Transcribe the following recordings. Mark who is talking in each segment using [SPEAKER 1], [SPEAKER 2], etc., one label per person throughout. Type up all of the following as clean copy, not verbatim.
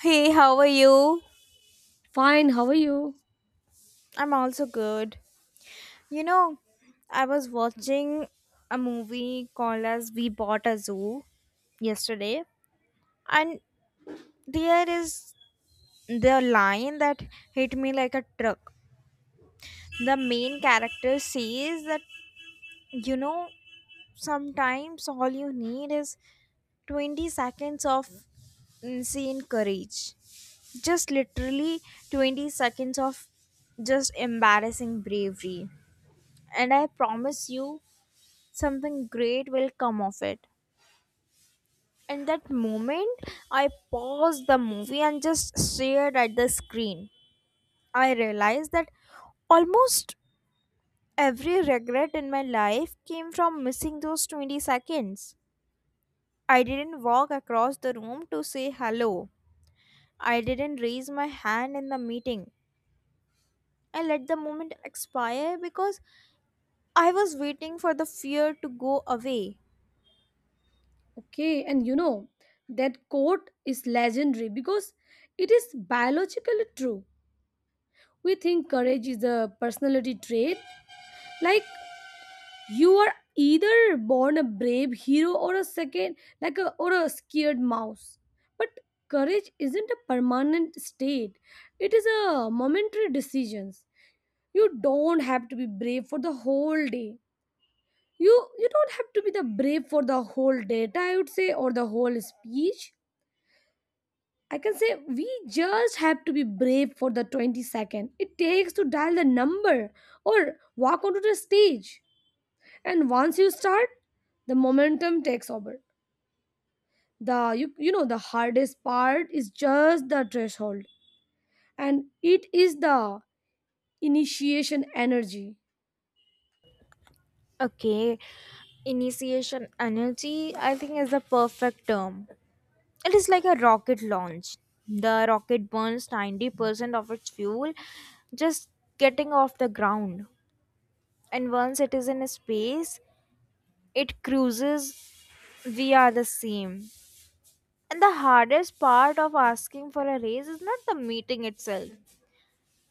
[SPEAKER 1] Hey, how are you?
[SPEAKER 2] Fine, how are you?
[SPEAKER 1] I'm also good. You know, I was watching a movie called as We Bought a Zoo yesterday, and there is the line that hit me like a truck. The main character says that, you know, sometimes all you need is 20 seconds of insane courage. Just literally 20 seconds of just embarrassing bravery, and I promise you something great will come of it. In that moment, I paused the movie and just stared at the screen. I realized that almost every regret in my life came from missing those 20 seconds. I didn't walk across the room to say hello. I didn't raise my hand in the meeting. I let the moment expire because I was waiting for the fear to go away.
[SPEAKER 2] Okay, and that quote is legendary because it is biologically true. We think courage is a personality trait, like you are either born a brave hero or a second, like a or a scared mouse. But courage isn't a permanent state; it is a momentary decisions. You don't have to be brave for the whole day. You don't have to be the brave for the whole data, I would say, or the whole speech. I can say we just have to be brave for the 20 second it takes to dial the number or walk onto the stage. And once you start, the momentum takes over. You know the hardest part is just the threshold, and it is the initiation energy.
[SPEAKER 1] Okay, initiation energy, I think, is the perfect term. It is like a rocket launch. The rocket burns 90% of its fuel just getting off the ground. And once it is in space, it cruises. We are the same. And the hardest part of asking for a raise is not the meeting itself,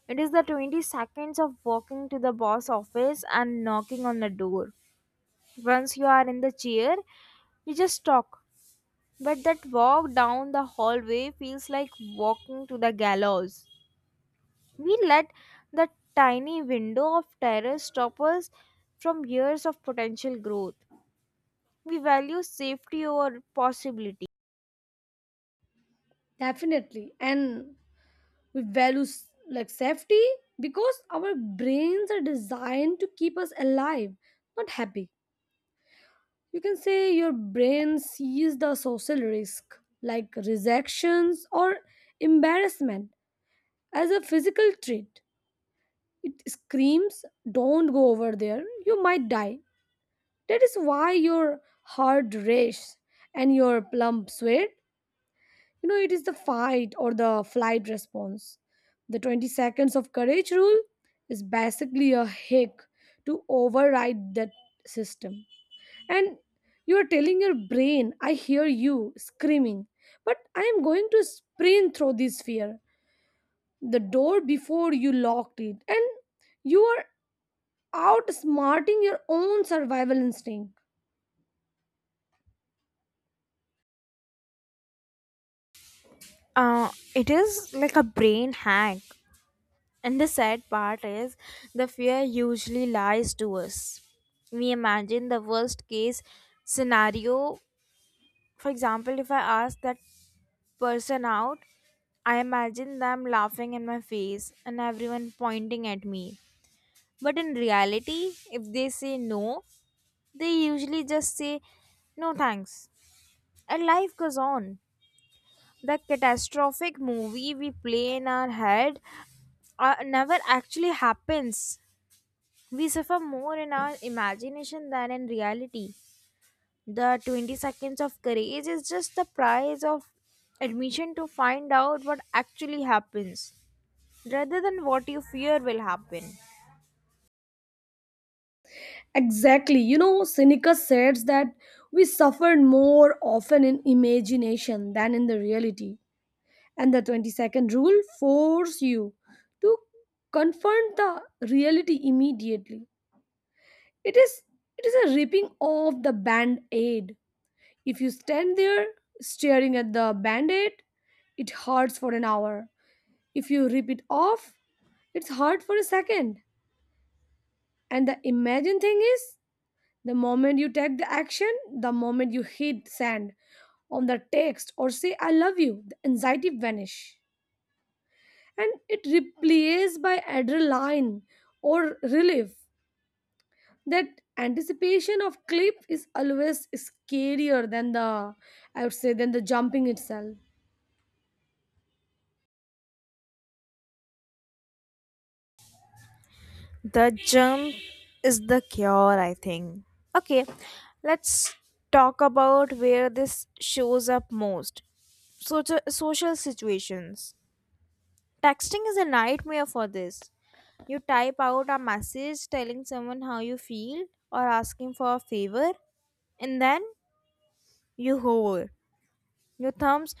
[SPEAKER 1] it is the 20 seconds of walking to the boss office and knocking on the door. Once you are in the chair, you just talk. But that walk down the hallway feels like walking to the gallows. We let the tiny window of terrace stop us from years of potential growth. We value safety over possibility.
[SPEAKER 2] Definitely, and we value like safety because our brains are designed to keep us alive, not happy. You can say your brain sees the social risk, like rejections or embarrassment, as a physical threat. It screams, "Don't go over there, you might die." That is why your heart races and your plump sweat. It is the fight or the flight response. The 20 seconds of courage rule is basically a hack to override that system. And you are telling your brain, "I hear you screaming, but I am going to sprint through this fear." The door before you locked it, and you are outsmarting your own survival instinct.
[SPEAKER 1] It is like a brain hack. And the sad part is the fear usually lies to us. We imagine the worst case scenario. For example, if I ask that person out, I imagine them laughing in my face and everyone pointing at me. But in reality, if they say no, they usually just say no thanks. And life goes on. The catastrophic movie we play in our head never actually happens. We suffer more in our imagination than in reality. The 20 seconds of courage is just the price of admission to find out what actually happens, rather than what you fear will happen.
[SPEAKER 2] Exactly, Seneca says that we suffer more often in imagination than in the reality, and the 22nd rule force you to confront the reality immediately. It is it is a ripping off the band-aid. If you stand there staring at the band-aid, it hurts for an hour. If you rip it off, it's hard for a second. And the imagine thing is, the moment you take the action, the moment you hit send on the text or say I love you, the anxiety vanish. And it replaced by adrenaline or relief. That anticipation of cliff is always scarier than the, I would say, than the jumping itself.
[SPEAKER 1] The jump is the cure, I think. Okay, let's talk about where this shows up most. Social situations. Texting is a nightmare for this. You type out a message telling someone how you feel or asking for a favor, and then you hover. Your thumbs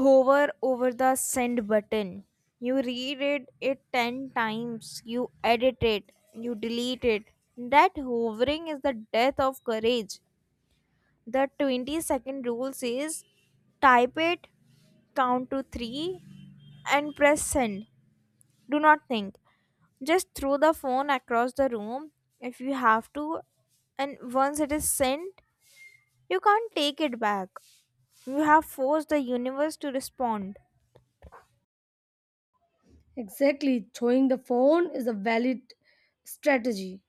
[SPEAKER 1] hover over the send button. You reread it 10 times, you edit it, you delete it. That hovering is the death of courage. The 20-second rule says type it, count to 3, and press send. Do not think. Just throw the phone across the room if you have to, and once it is sent, you can't take it back. You have forced the universe to respond.
[SPEAKER 2] Exactly, throwing the phone is a valid strategy.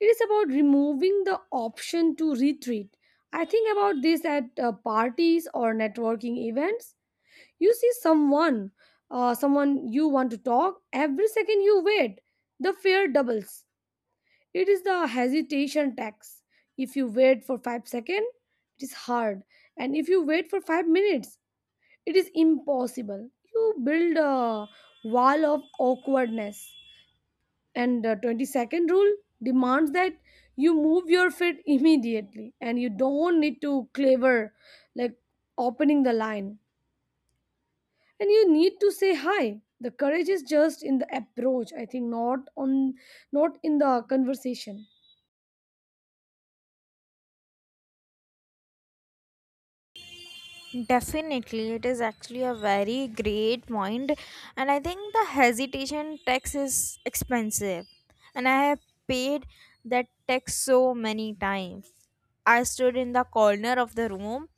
[SPEAKER 2] It is about removing the option to retreat. I think about this at parties or networking events. You see someone, someone you want to talk, every second you wait the fear doubles. It is the hesitation tax. If you wait for 5 seconds, it is hard. And if you wait for 5 minutes, it is impossible. You build a wall of awkwardness. And the 22nd rule demands that you move your feet immediately, and you don't need to clever, like opening the line. And you need to say hi. The courage is just in the approach, I think, not in the conversation.
[SPEAKER 1] Definitely, it is actually a very great point, and I think the hesitation tax is expensive, and I have paid that tax so many times. I stood in the corner of the room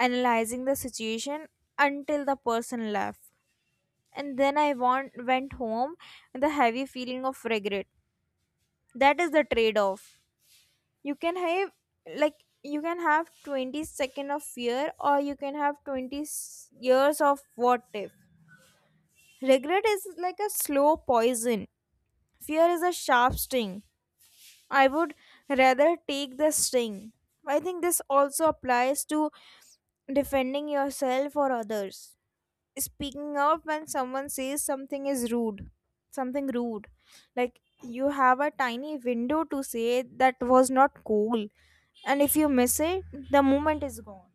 [SPEAKER 1] analyzing the situation until the person left, and then went home with a heavy feeling of regret. That is the trade off you can have, like you can have 20 second of fear, or you can have years of what if. Regret is like a slow poison. Fear is a sharp sting. I would rather take the sting. I think this also applies to defending yourself or others, speaking up when someone says something is rude, something rude. Like you have a tiny window to say that was not cool, and if you miss it, the moment is gone.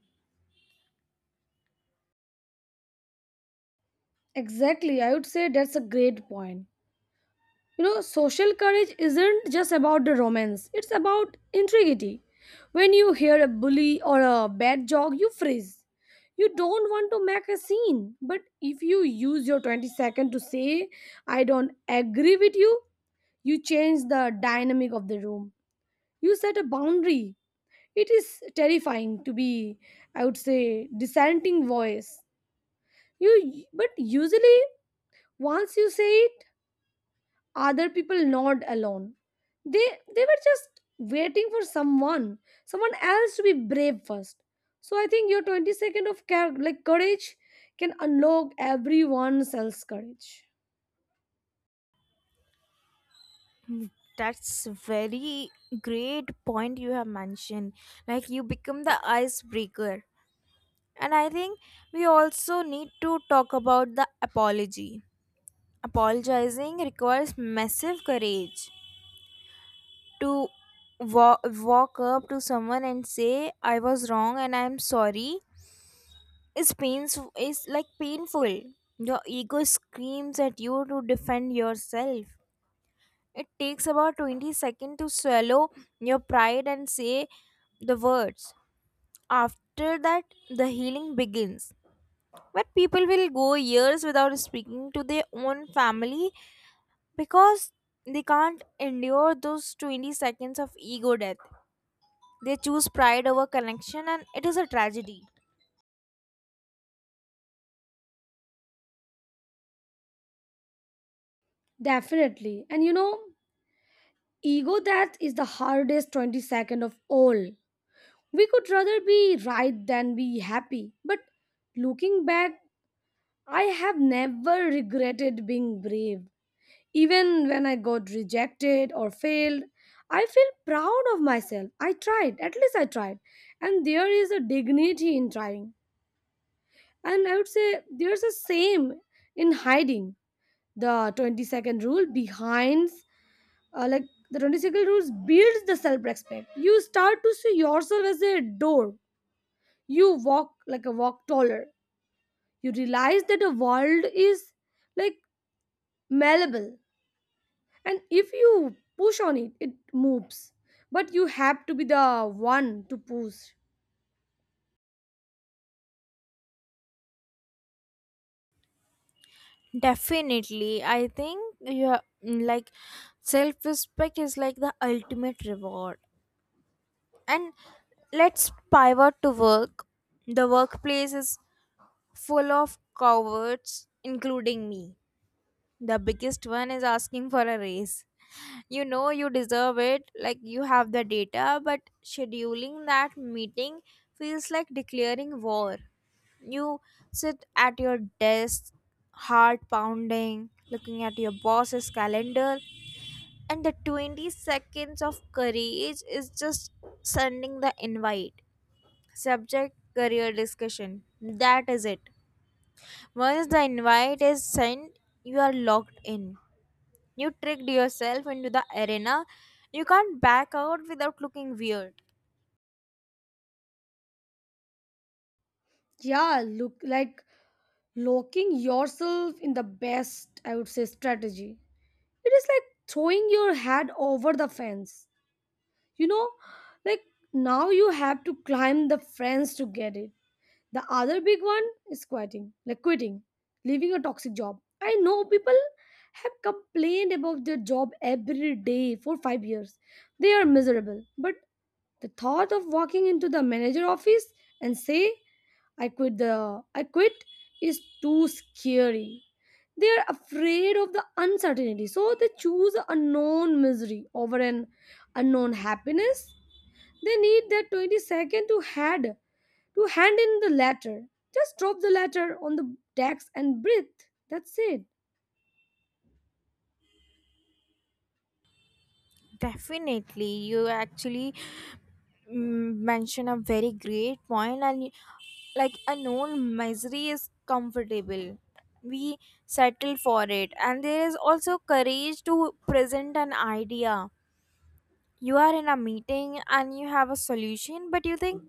[SPEAKER 2] Exactly, I would say that's a great point. Social courage isn't just about the romance, it's about integrity. When you hear a bully or a bad joke, you freeze. You don't want to make a scene, but if you use your 20 second to say, "I don't agree with you," you change the dynamic of the room. You set a boundary. It is terrifying to be, I would say, dissenting voice. You but usually once you say it, other people not alone. they they were just waiting for someone else to be brave first. So I think your 20 second of care like courage can unlock everyone else's courage.
[SPEAKER 1] Hmm, that's very great point you have mentioned. Like you become the icebreaker, and I think we also need to talk about the apology. Apologizing requires massive courage to wa- walk up to someone and say I was wrong and I'm sorry. Is painful, is painful. Your ego screams at you to defend yourself. It takes about 20 seconds to swallow your pride and say the words. After that, the healing begins. But people will go years without speaking to their own family because they can't endure those 20 seconds of ego death. They choose pride over connection, and it is a tragedy.
[SPEAKER 2] Definitely, and ego, that is the hardest 20 second of all. We could rather be right than be happy. But looking back, I have never regretted being brave. Even when I got rejected or failed, I feel proud of myself. I tried, at least I tried. And there is a dignity in trying. And I would say there's a same in hiding. The 22nd rule behind, like the 22nd rules builds the self respect. You start to see yourself as a door. You walk like a walk taller. You realize that the world is, like, malleable, and if you push on it, it moves. But you have to be the one to push.
[SPEAKER 1] Definitely, I think you have, like, self-respect is like the ultimate reward. And let's pivot to work. The workplace is full of cowards, including me. The biggest one is asking for a raise. You know you deserve it, like you have the data, but scheduling that meeting feels like declaring war. You sit at your desk, heart pounding, looking at your boss's calendar, and the 20 seconds of courage is just sending the invite. Subject: career discussion. That is it. Once the invite is sent, you are locked in. You tricked yourself into the arena. You can't back out without looking weird.
[SPEAKER 2] Yeah, look, like locking yourself in the best, I would say, strategy. It is like throwing your head over the fence, you know like now you have to climb the fence to get it. The other big one is quitting, leaving a toxic job. I know people have complained about their job every day for 5 years. They are miserable, but the thought of walking into the manager office and say, "I quit" is too scary. They are afraid of the uncertainty, so they choose a known misery over an unknown happiness. They need that 20 second to hand in the letter. Just drop the letter on the desk and breathe. That's it.
[SPEAKER 1] Definitely, you actually mention a very great point, and like a known misery is comfortable. We settle for it. And there is also courage to present an idea. You are in a meeting and you have a solution, but you think,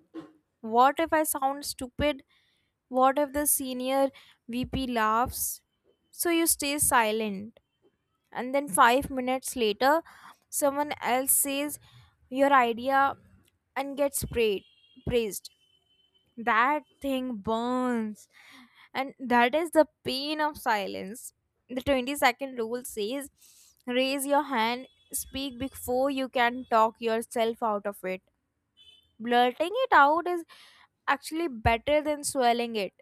[SPEAKER 1] what if I sound stupid? What if the senior VP laughs? So you stay silent, and then 5 minutes later someone else says your idea and gets praised. That thing burns, and that is the pain of silence. The 20-second rule says raise your hand, speak before you can talk yourself out of it. Blurting it out is actually better than swelling it.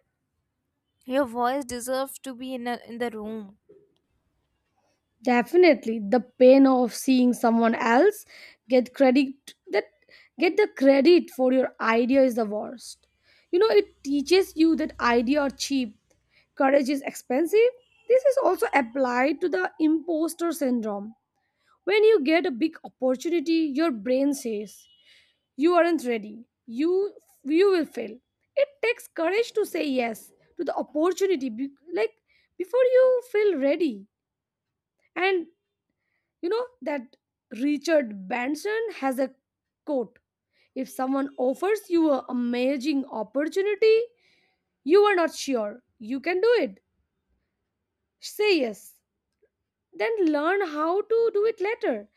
[SPEAKER 1] Your voice deserves to be in the room.
[SPEAKER 2] Definitely, the pain of seeing someone else get credit that get the credit for your idea is the worst. It teaches you that idea are cheap, courage is expensive. This is also applied to the imposter syndrome. When you get a big opportunity, your brain says you aren't ready. You will fail. It takes courage to say yes to the opportunity, like before you feel ready. And you know that Richard Branson has a quote: "If someone offers you an amazing opportunity, you are not sure you can do it. Say yes. Then learn how to do it later."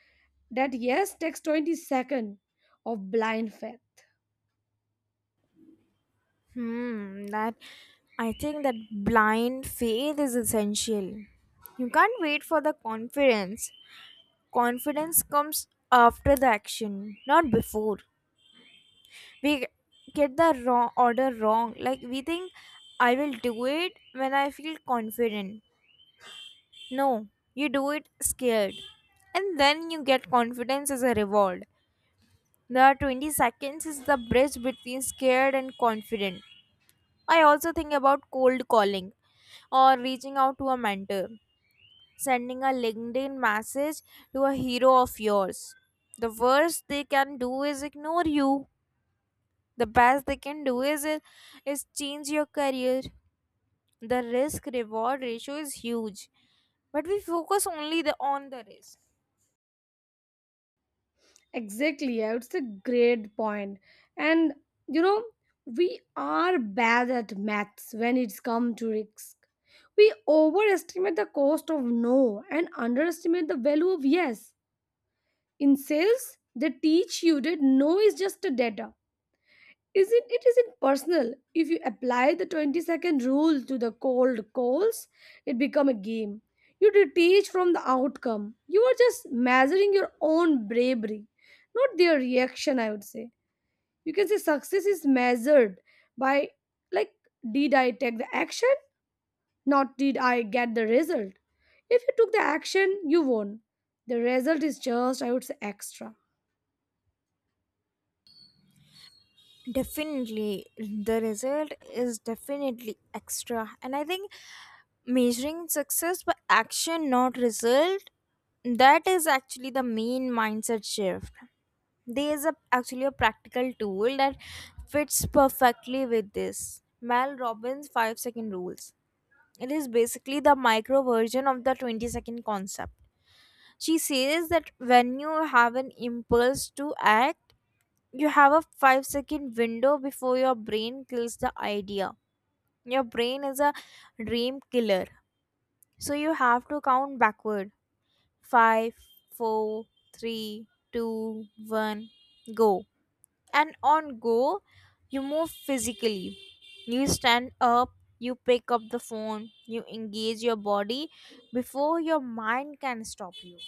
[SPEAKER 2] That yes takes 20 seconds of blind faith.
[SPEAKER 1] Hmm, that I think that blind faith is essential. You can't wait for the confidence. Confidence comes after the action, not before. We get the wrong order wrong. Like we think, I will do it when I feel confident. No, you do it scared. And then you get confidence as a reward. The 20 seconds is the bridge between scared and confident. I also think about cold calling or reaching out to a mentor, sending a LinkedIn message to a hero of yours. The worst they can do is ignore you. The best they can do is change your career. The risk reward ratio is huge, but we focus on the risk.
[SPEAKER 2] Exactly, yeah, it's a great point. And you know, we are bad at maths when it's come to risk. We overestimate the cost of no and underestimate the value of yes. In sales, they teach you that no is just a data. Isn't it isn't personal. If you apply the 20-second rule to the cold calls, it become a game. You detach from the outcome. You are just measuring your own bravery, not their reaction, I would say. You can say success is measured by, like, did I take the action? Not did I get the result. If you took the action, you won. The result is just, I would say, extra.
[SPEAKER 1] Definitely, the result is definitely extra, and I think measuring success by action, not result, that is actually the main mindset shift. There is a, actually a practical tool that fits perfectly with this, Mel Robbins' 5 second rules. It is basically the micro version of the 20-second concept. She says that when you have an impulse to act, you have a 5-second window before your brain kills the idea. Your brain is a dream killer. So you have to count backward: five, four, three, two, one, go. And on go, you move physically. You stand up, you pick up the phone, you engage your body before your mind can stop you.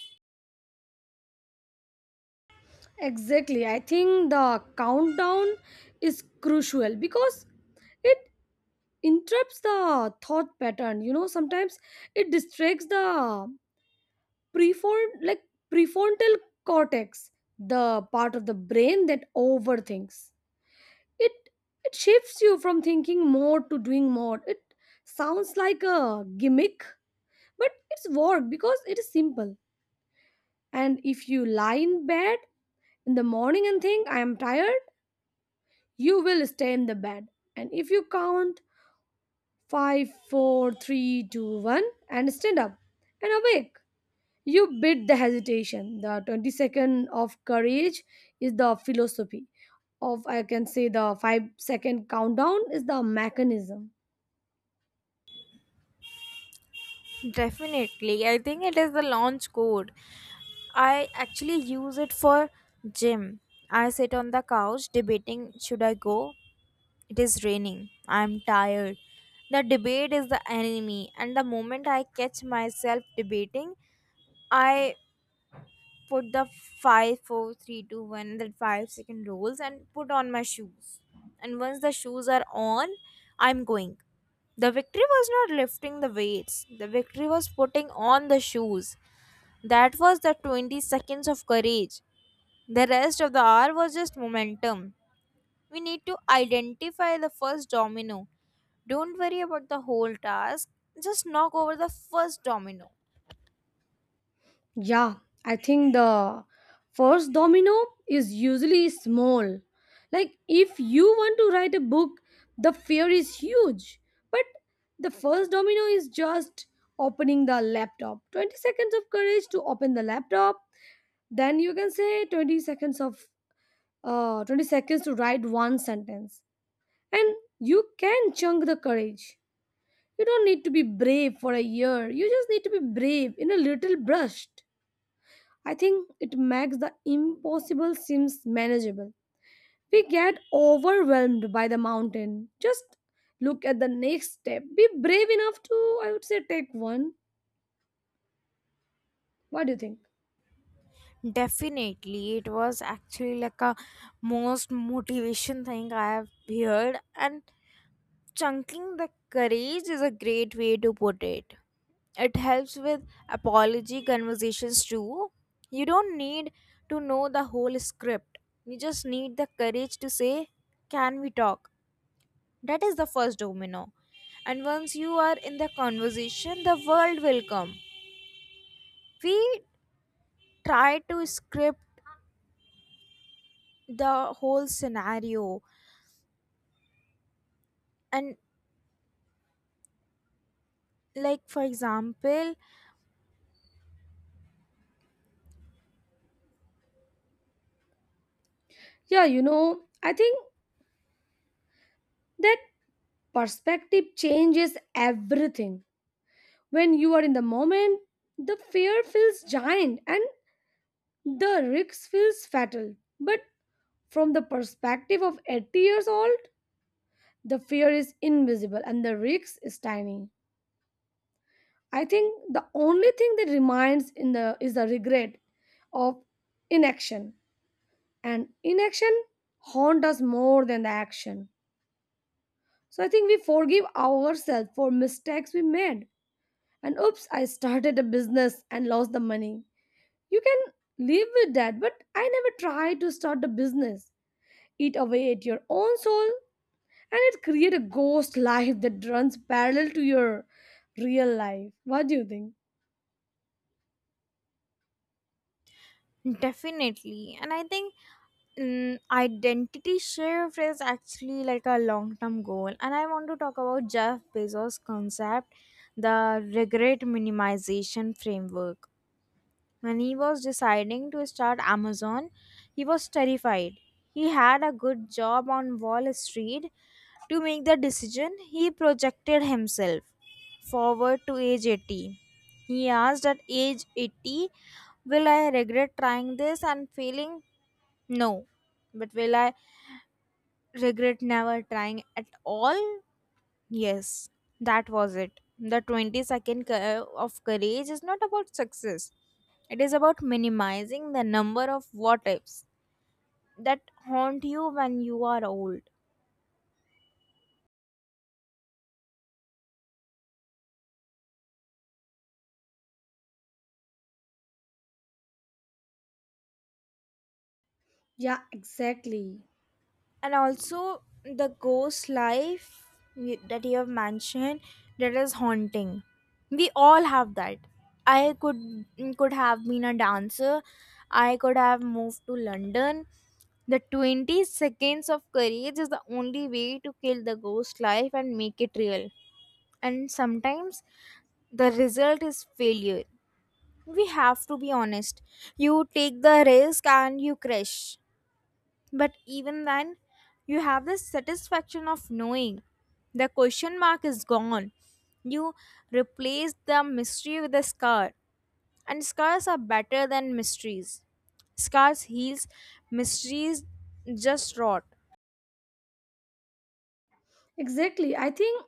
[SPEAKER 2] Exactly. I think the countdown is crucial because it interrupts the thought pattern. Sometimes it distracts the prefrontal, like prefrontal cortex, the part of the brain that overthinks. It it shifts you from thinking more to doing more. It sounds like a gimmick, but it's work because it is simple. And if you lie in bed in the morning and think, "I am tired," you will stay in the bed. And if you count five, four, three, two, one, and stand up and awake, you beat the hesitation. The 22nd of courage is the philosophy, of, I can say, the 5-second countdown is the mechanism.
[SPEAKER 1] Definitely, I think it is the launch code. I actually use it for gym. I sit on the couch debating, should I go? It is raining, I am tired. The debate is the enemy, and the moment I catch myself debating, I put the five, four, three, two, one, that 5 second rules, and put on my shoes. And once the shoes are on, I'm going. The victory was not lifting the weights. The victory was putting on the shoes. That was the 20 seconds of courage. The rest of the hour was just momentum. We need to identify the first domino. Don't worry about the whole task, just knock over the first domino.
[SPEAKER 2] Yeah, I think the first domino is usually small. Like, if you want to write a book, the fear is huge. But the first domino is just opening the laptop. 20 seconds of courage to open the laptop. Then you can say 20 seconds of, 20 seconds to write one sentence. And you can chunk the courage. You don't need to be brave for a year. You just need to be brave in a little brush. I think it makes the impossible seems manageable. We get overwhelmed by the mountain. Just look at the next step. Be brave enough to, I would say, take one. What do you think?
[SPEAKER 1] Definitely, it was actually like a most motivation thing I have heard, and chunking the courage is a great way to put it. It helps with apology conversations too. You don't need to know the whole script, you just need the courage to say, can we talk? That is the first domino. And once you are in the conversation, the world will come. We try to script the whole scenario and, like, for example.
[SPEAKER 2] Yeah, I think that perspective changes everything. When you are in the moment, the fear feels giant and the risk feels fatal. But from the perspective of 80 years old, the fear is invisible and the risk is tiny. I think the only thing that remains in the is the regret of inaction, and inaction haunt us more than the action. So I think we forgive ourselves for mistakes we made. And oops, I started a business and lost the money. You can live with that, but I never tried to start a business. Eat away at your own soul, and it create a ghost life that runs parallel to your real life. What do you think?
[SPEAKER 1] Definitely, and I think, identity shift is actually like a long term goal. And I want to talk about Jeff Bezos' concept, the regret minimization framework. When he was deciding to start Amazon, he was terrified. He had a good job on Wall Street. To make the decision, he projected himself forward to age 80. He asked, at age 80, will I regret trying this and failing? No. But will I regret never trying at all? Yes. That was it. The 20 second of courage is not about success, it is about minimizing the number of what ifs that haunt you when you are old.
[SPEAKER 2] Yeah, exactly.
[SPEAKER 1] And also the ghost life that you have mentioned, that is haunting. We all have that. I could could have been a dancer, I could have moved to London. The 20 seconds of courage is the only way to kill the ghost life and make it real. And sometimes the result is failure, we have to be honest. You take the risk and you crash, but even then, you have the satisfaction of knowing the question mark is gone. You replace the mystery with a scar, and scars are better than mysteries. Scars heals, mysteries just rot.
[SPEAKER 2] Exactly. I think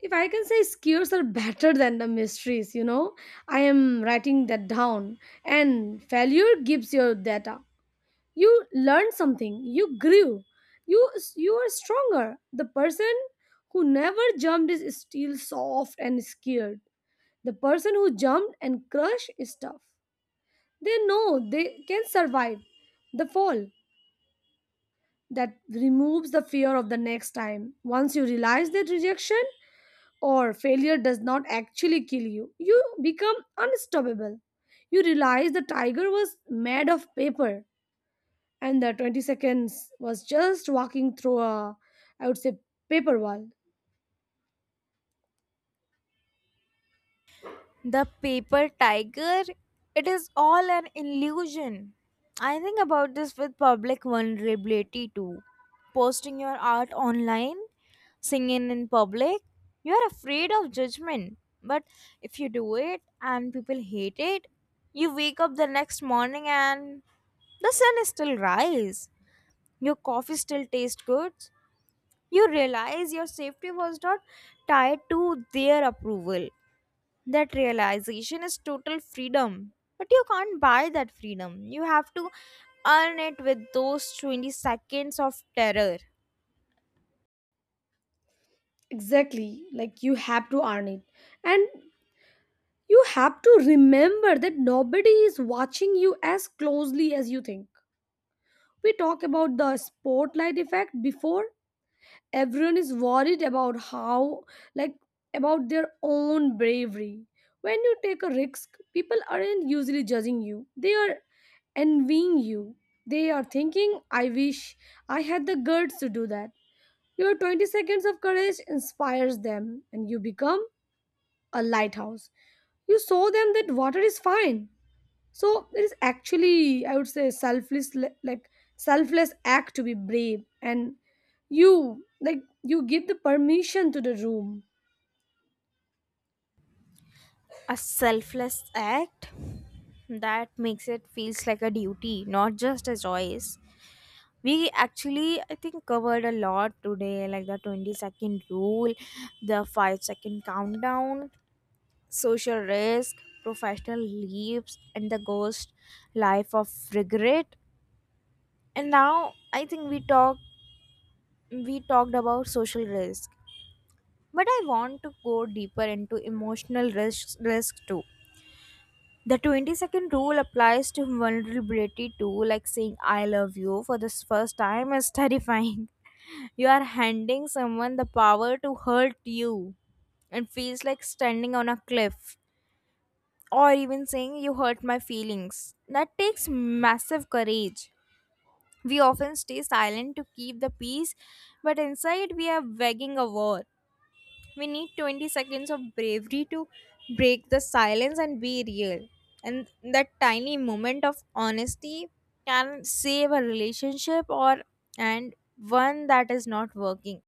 [SPEAKER 2] if I can say skewers are better than the mysteries, I am writing that down. And failure gives you data. You learn something. You grew. You you are stronger. The person who never jumped is still soft and scared. The person who jumped and crushed is tough. They know they can survive the fall. That removes the fear of the next time. Once you realize that rejection or failure does not actually kill you, you become unstoppable. You realize the tiger was made of paper, and the 20 seconds was just walking through a, I would say, paper wall.
[SPEAKER 1] The paper tiger, it is all an illusion. I think about this with public vulnerability too. Posting your art online, singing in public, you are afraid of judgment. But if you do it and people hate it, you wake up the next morning and the sun is still rise. Your coffee still tastes good. You realize your safety was not tied to their approval. That realization is total freedom. But you can't buy that freedom. You have to earn it with those 20 seconds of terror.
[SPEAKER 2] Exactly, like you have to earn it. And you have to remember that nobody is watching you as closely as you think. We talk about the spotlight effect before, everyone is worried about how, like, about their own bravery. When you take a risk, people aren't usually judging you, they are envying you. They are thinking, "I wish I had the guts to do that." Your 20 seconds of courage inspires them and you become a lighthouse. You show them that water is fine. So there is actually, I would say, selfless, like selfless act to be brave. And you give the permission to the room.
[SPEAKER 1] A selfless act that makes it feels like a duty, not just a choice. We actually, I think, covered a lot today, like the 20-second rule, the 5-second countdown, social risk, professional leaps, and the ghost life of regret. And now, I think we talked, we talked about social risk, but I want to go deeper into emotional risk too. The 22nd rule applies to vulnerability too, like saying I love you for the first time is terrifying. You are handing someone the power to hurt you, and feels like standing on a cliff, or even saying you hurt my feelings. That takes massive courage. We often stay silent to keep the peace, but inside we are waging a war. We need 20 seconds of bravery to break the silence and be real. And that tiny moment of honesty can save a relationship or and one that is not working.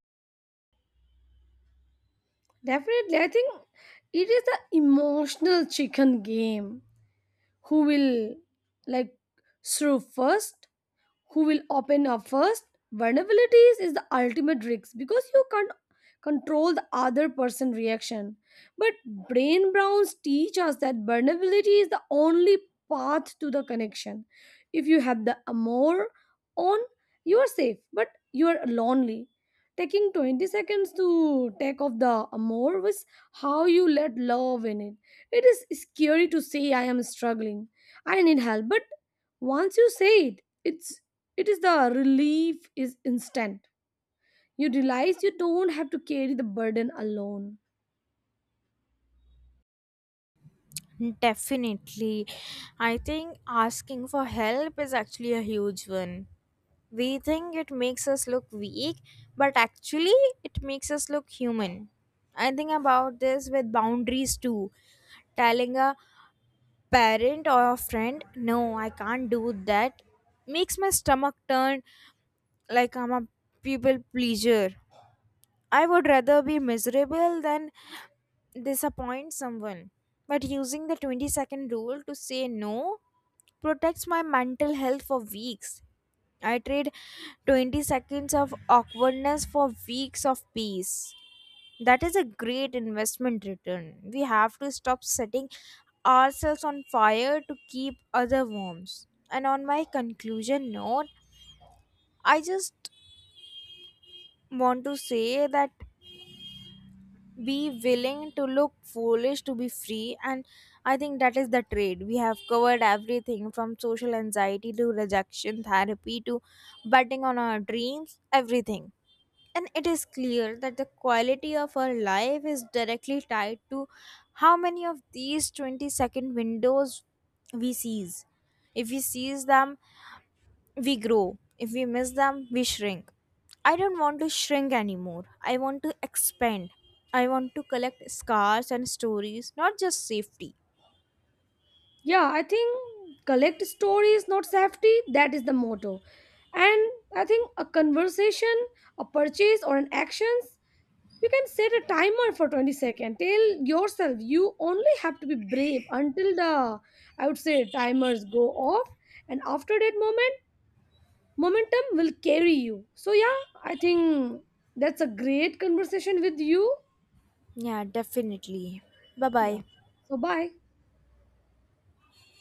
[SPEAKER 2] Definitely, I think it is the emotional chicken game. Who will, like, through first? Who will open up first? Vulnerabilities is the ultimate risk because you can't control the other person reaction. But Brain Browns teach us that vulnerability is the only path to the connection. If you have the amor on, you are safe but you are lonely. Taking 20 seconds to take off the amor was how you let love in it. It is scary to say, "I am struggling, I need help," but once you say it, it is the relief is instant. You realize you don't have to carry the burden alone.
[SPEAKER 1] Definitely, I think asking for help is actually a huge one. We think it makes us look weak, but actually it makes us look human. I think about this with boundaries too. Telling a parent or a friend, no, I can't do that, makes my stomach turn. Like I'm a people pleaser. I would rather be miserable than disappoint someone. But using the 20-second rule to say no protects my mental health for weeks. I trade 20 seconds of awkwardness for weeks of peace. That is a great investment return. We have to stop setting ourselves on fire to keep other warm. And on my conclusion note, I just want to say that, be willing to look foolish to be free. And I think that is the trade. We have covered everything from social anxiety to rejection therapy to betting on our dreams, everything. And it is clear that the quality of our life is directly tied to how many of these 20-second windows we seize. If we seize them, we grow. If we miss them, we shrink. I don't want to shrink anymore. I want to expand. I want to collect scars and stories, not just safety.
[SPEAKER 2] Yeah, I think collect stories, not safety, that is the motto. And I think a conversation, a purchase, or an actions, you can set a timer for 20 seconds. Tell yourself you only have to be brave until the, I would say, timers go off. And after that moment, momentum will carry you. So, yeah, I think that's a great conversation with you.
[SPEAKER 1] Yeah, definitely. Bye
[SPEAKER 2] Yeah.
[SPEAKER 1] bye.
[SPEAKER 2] So, bye.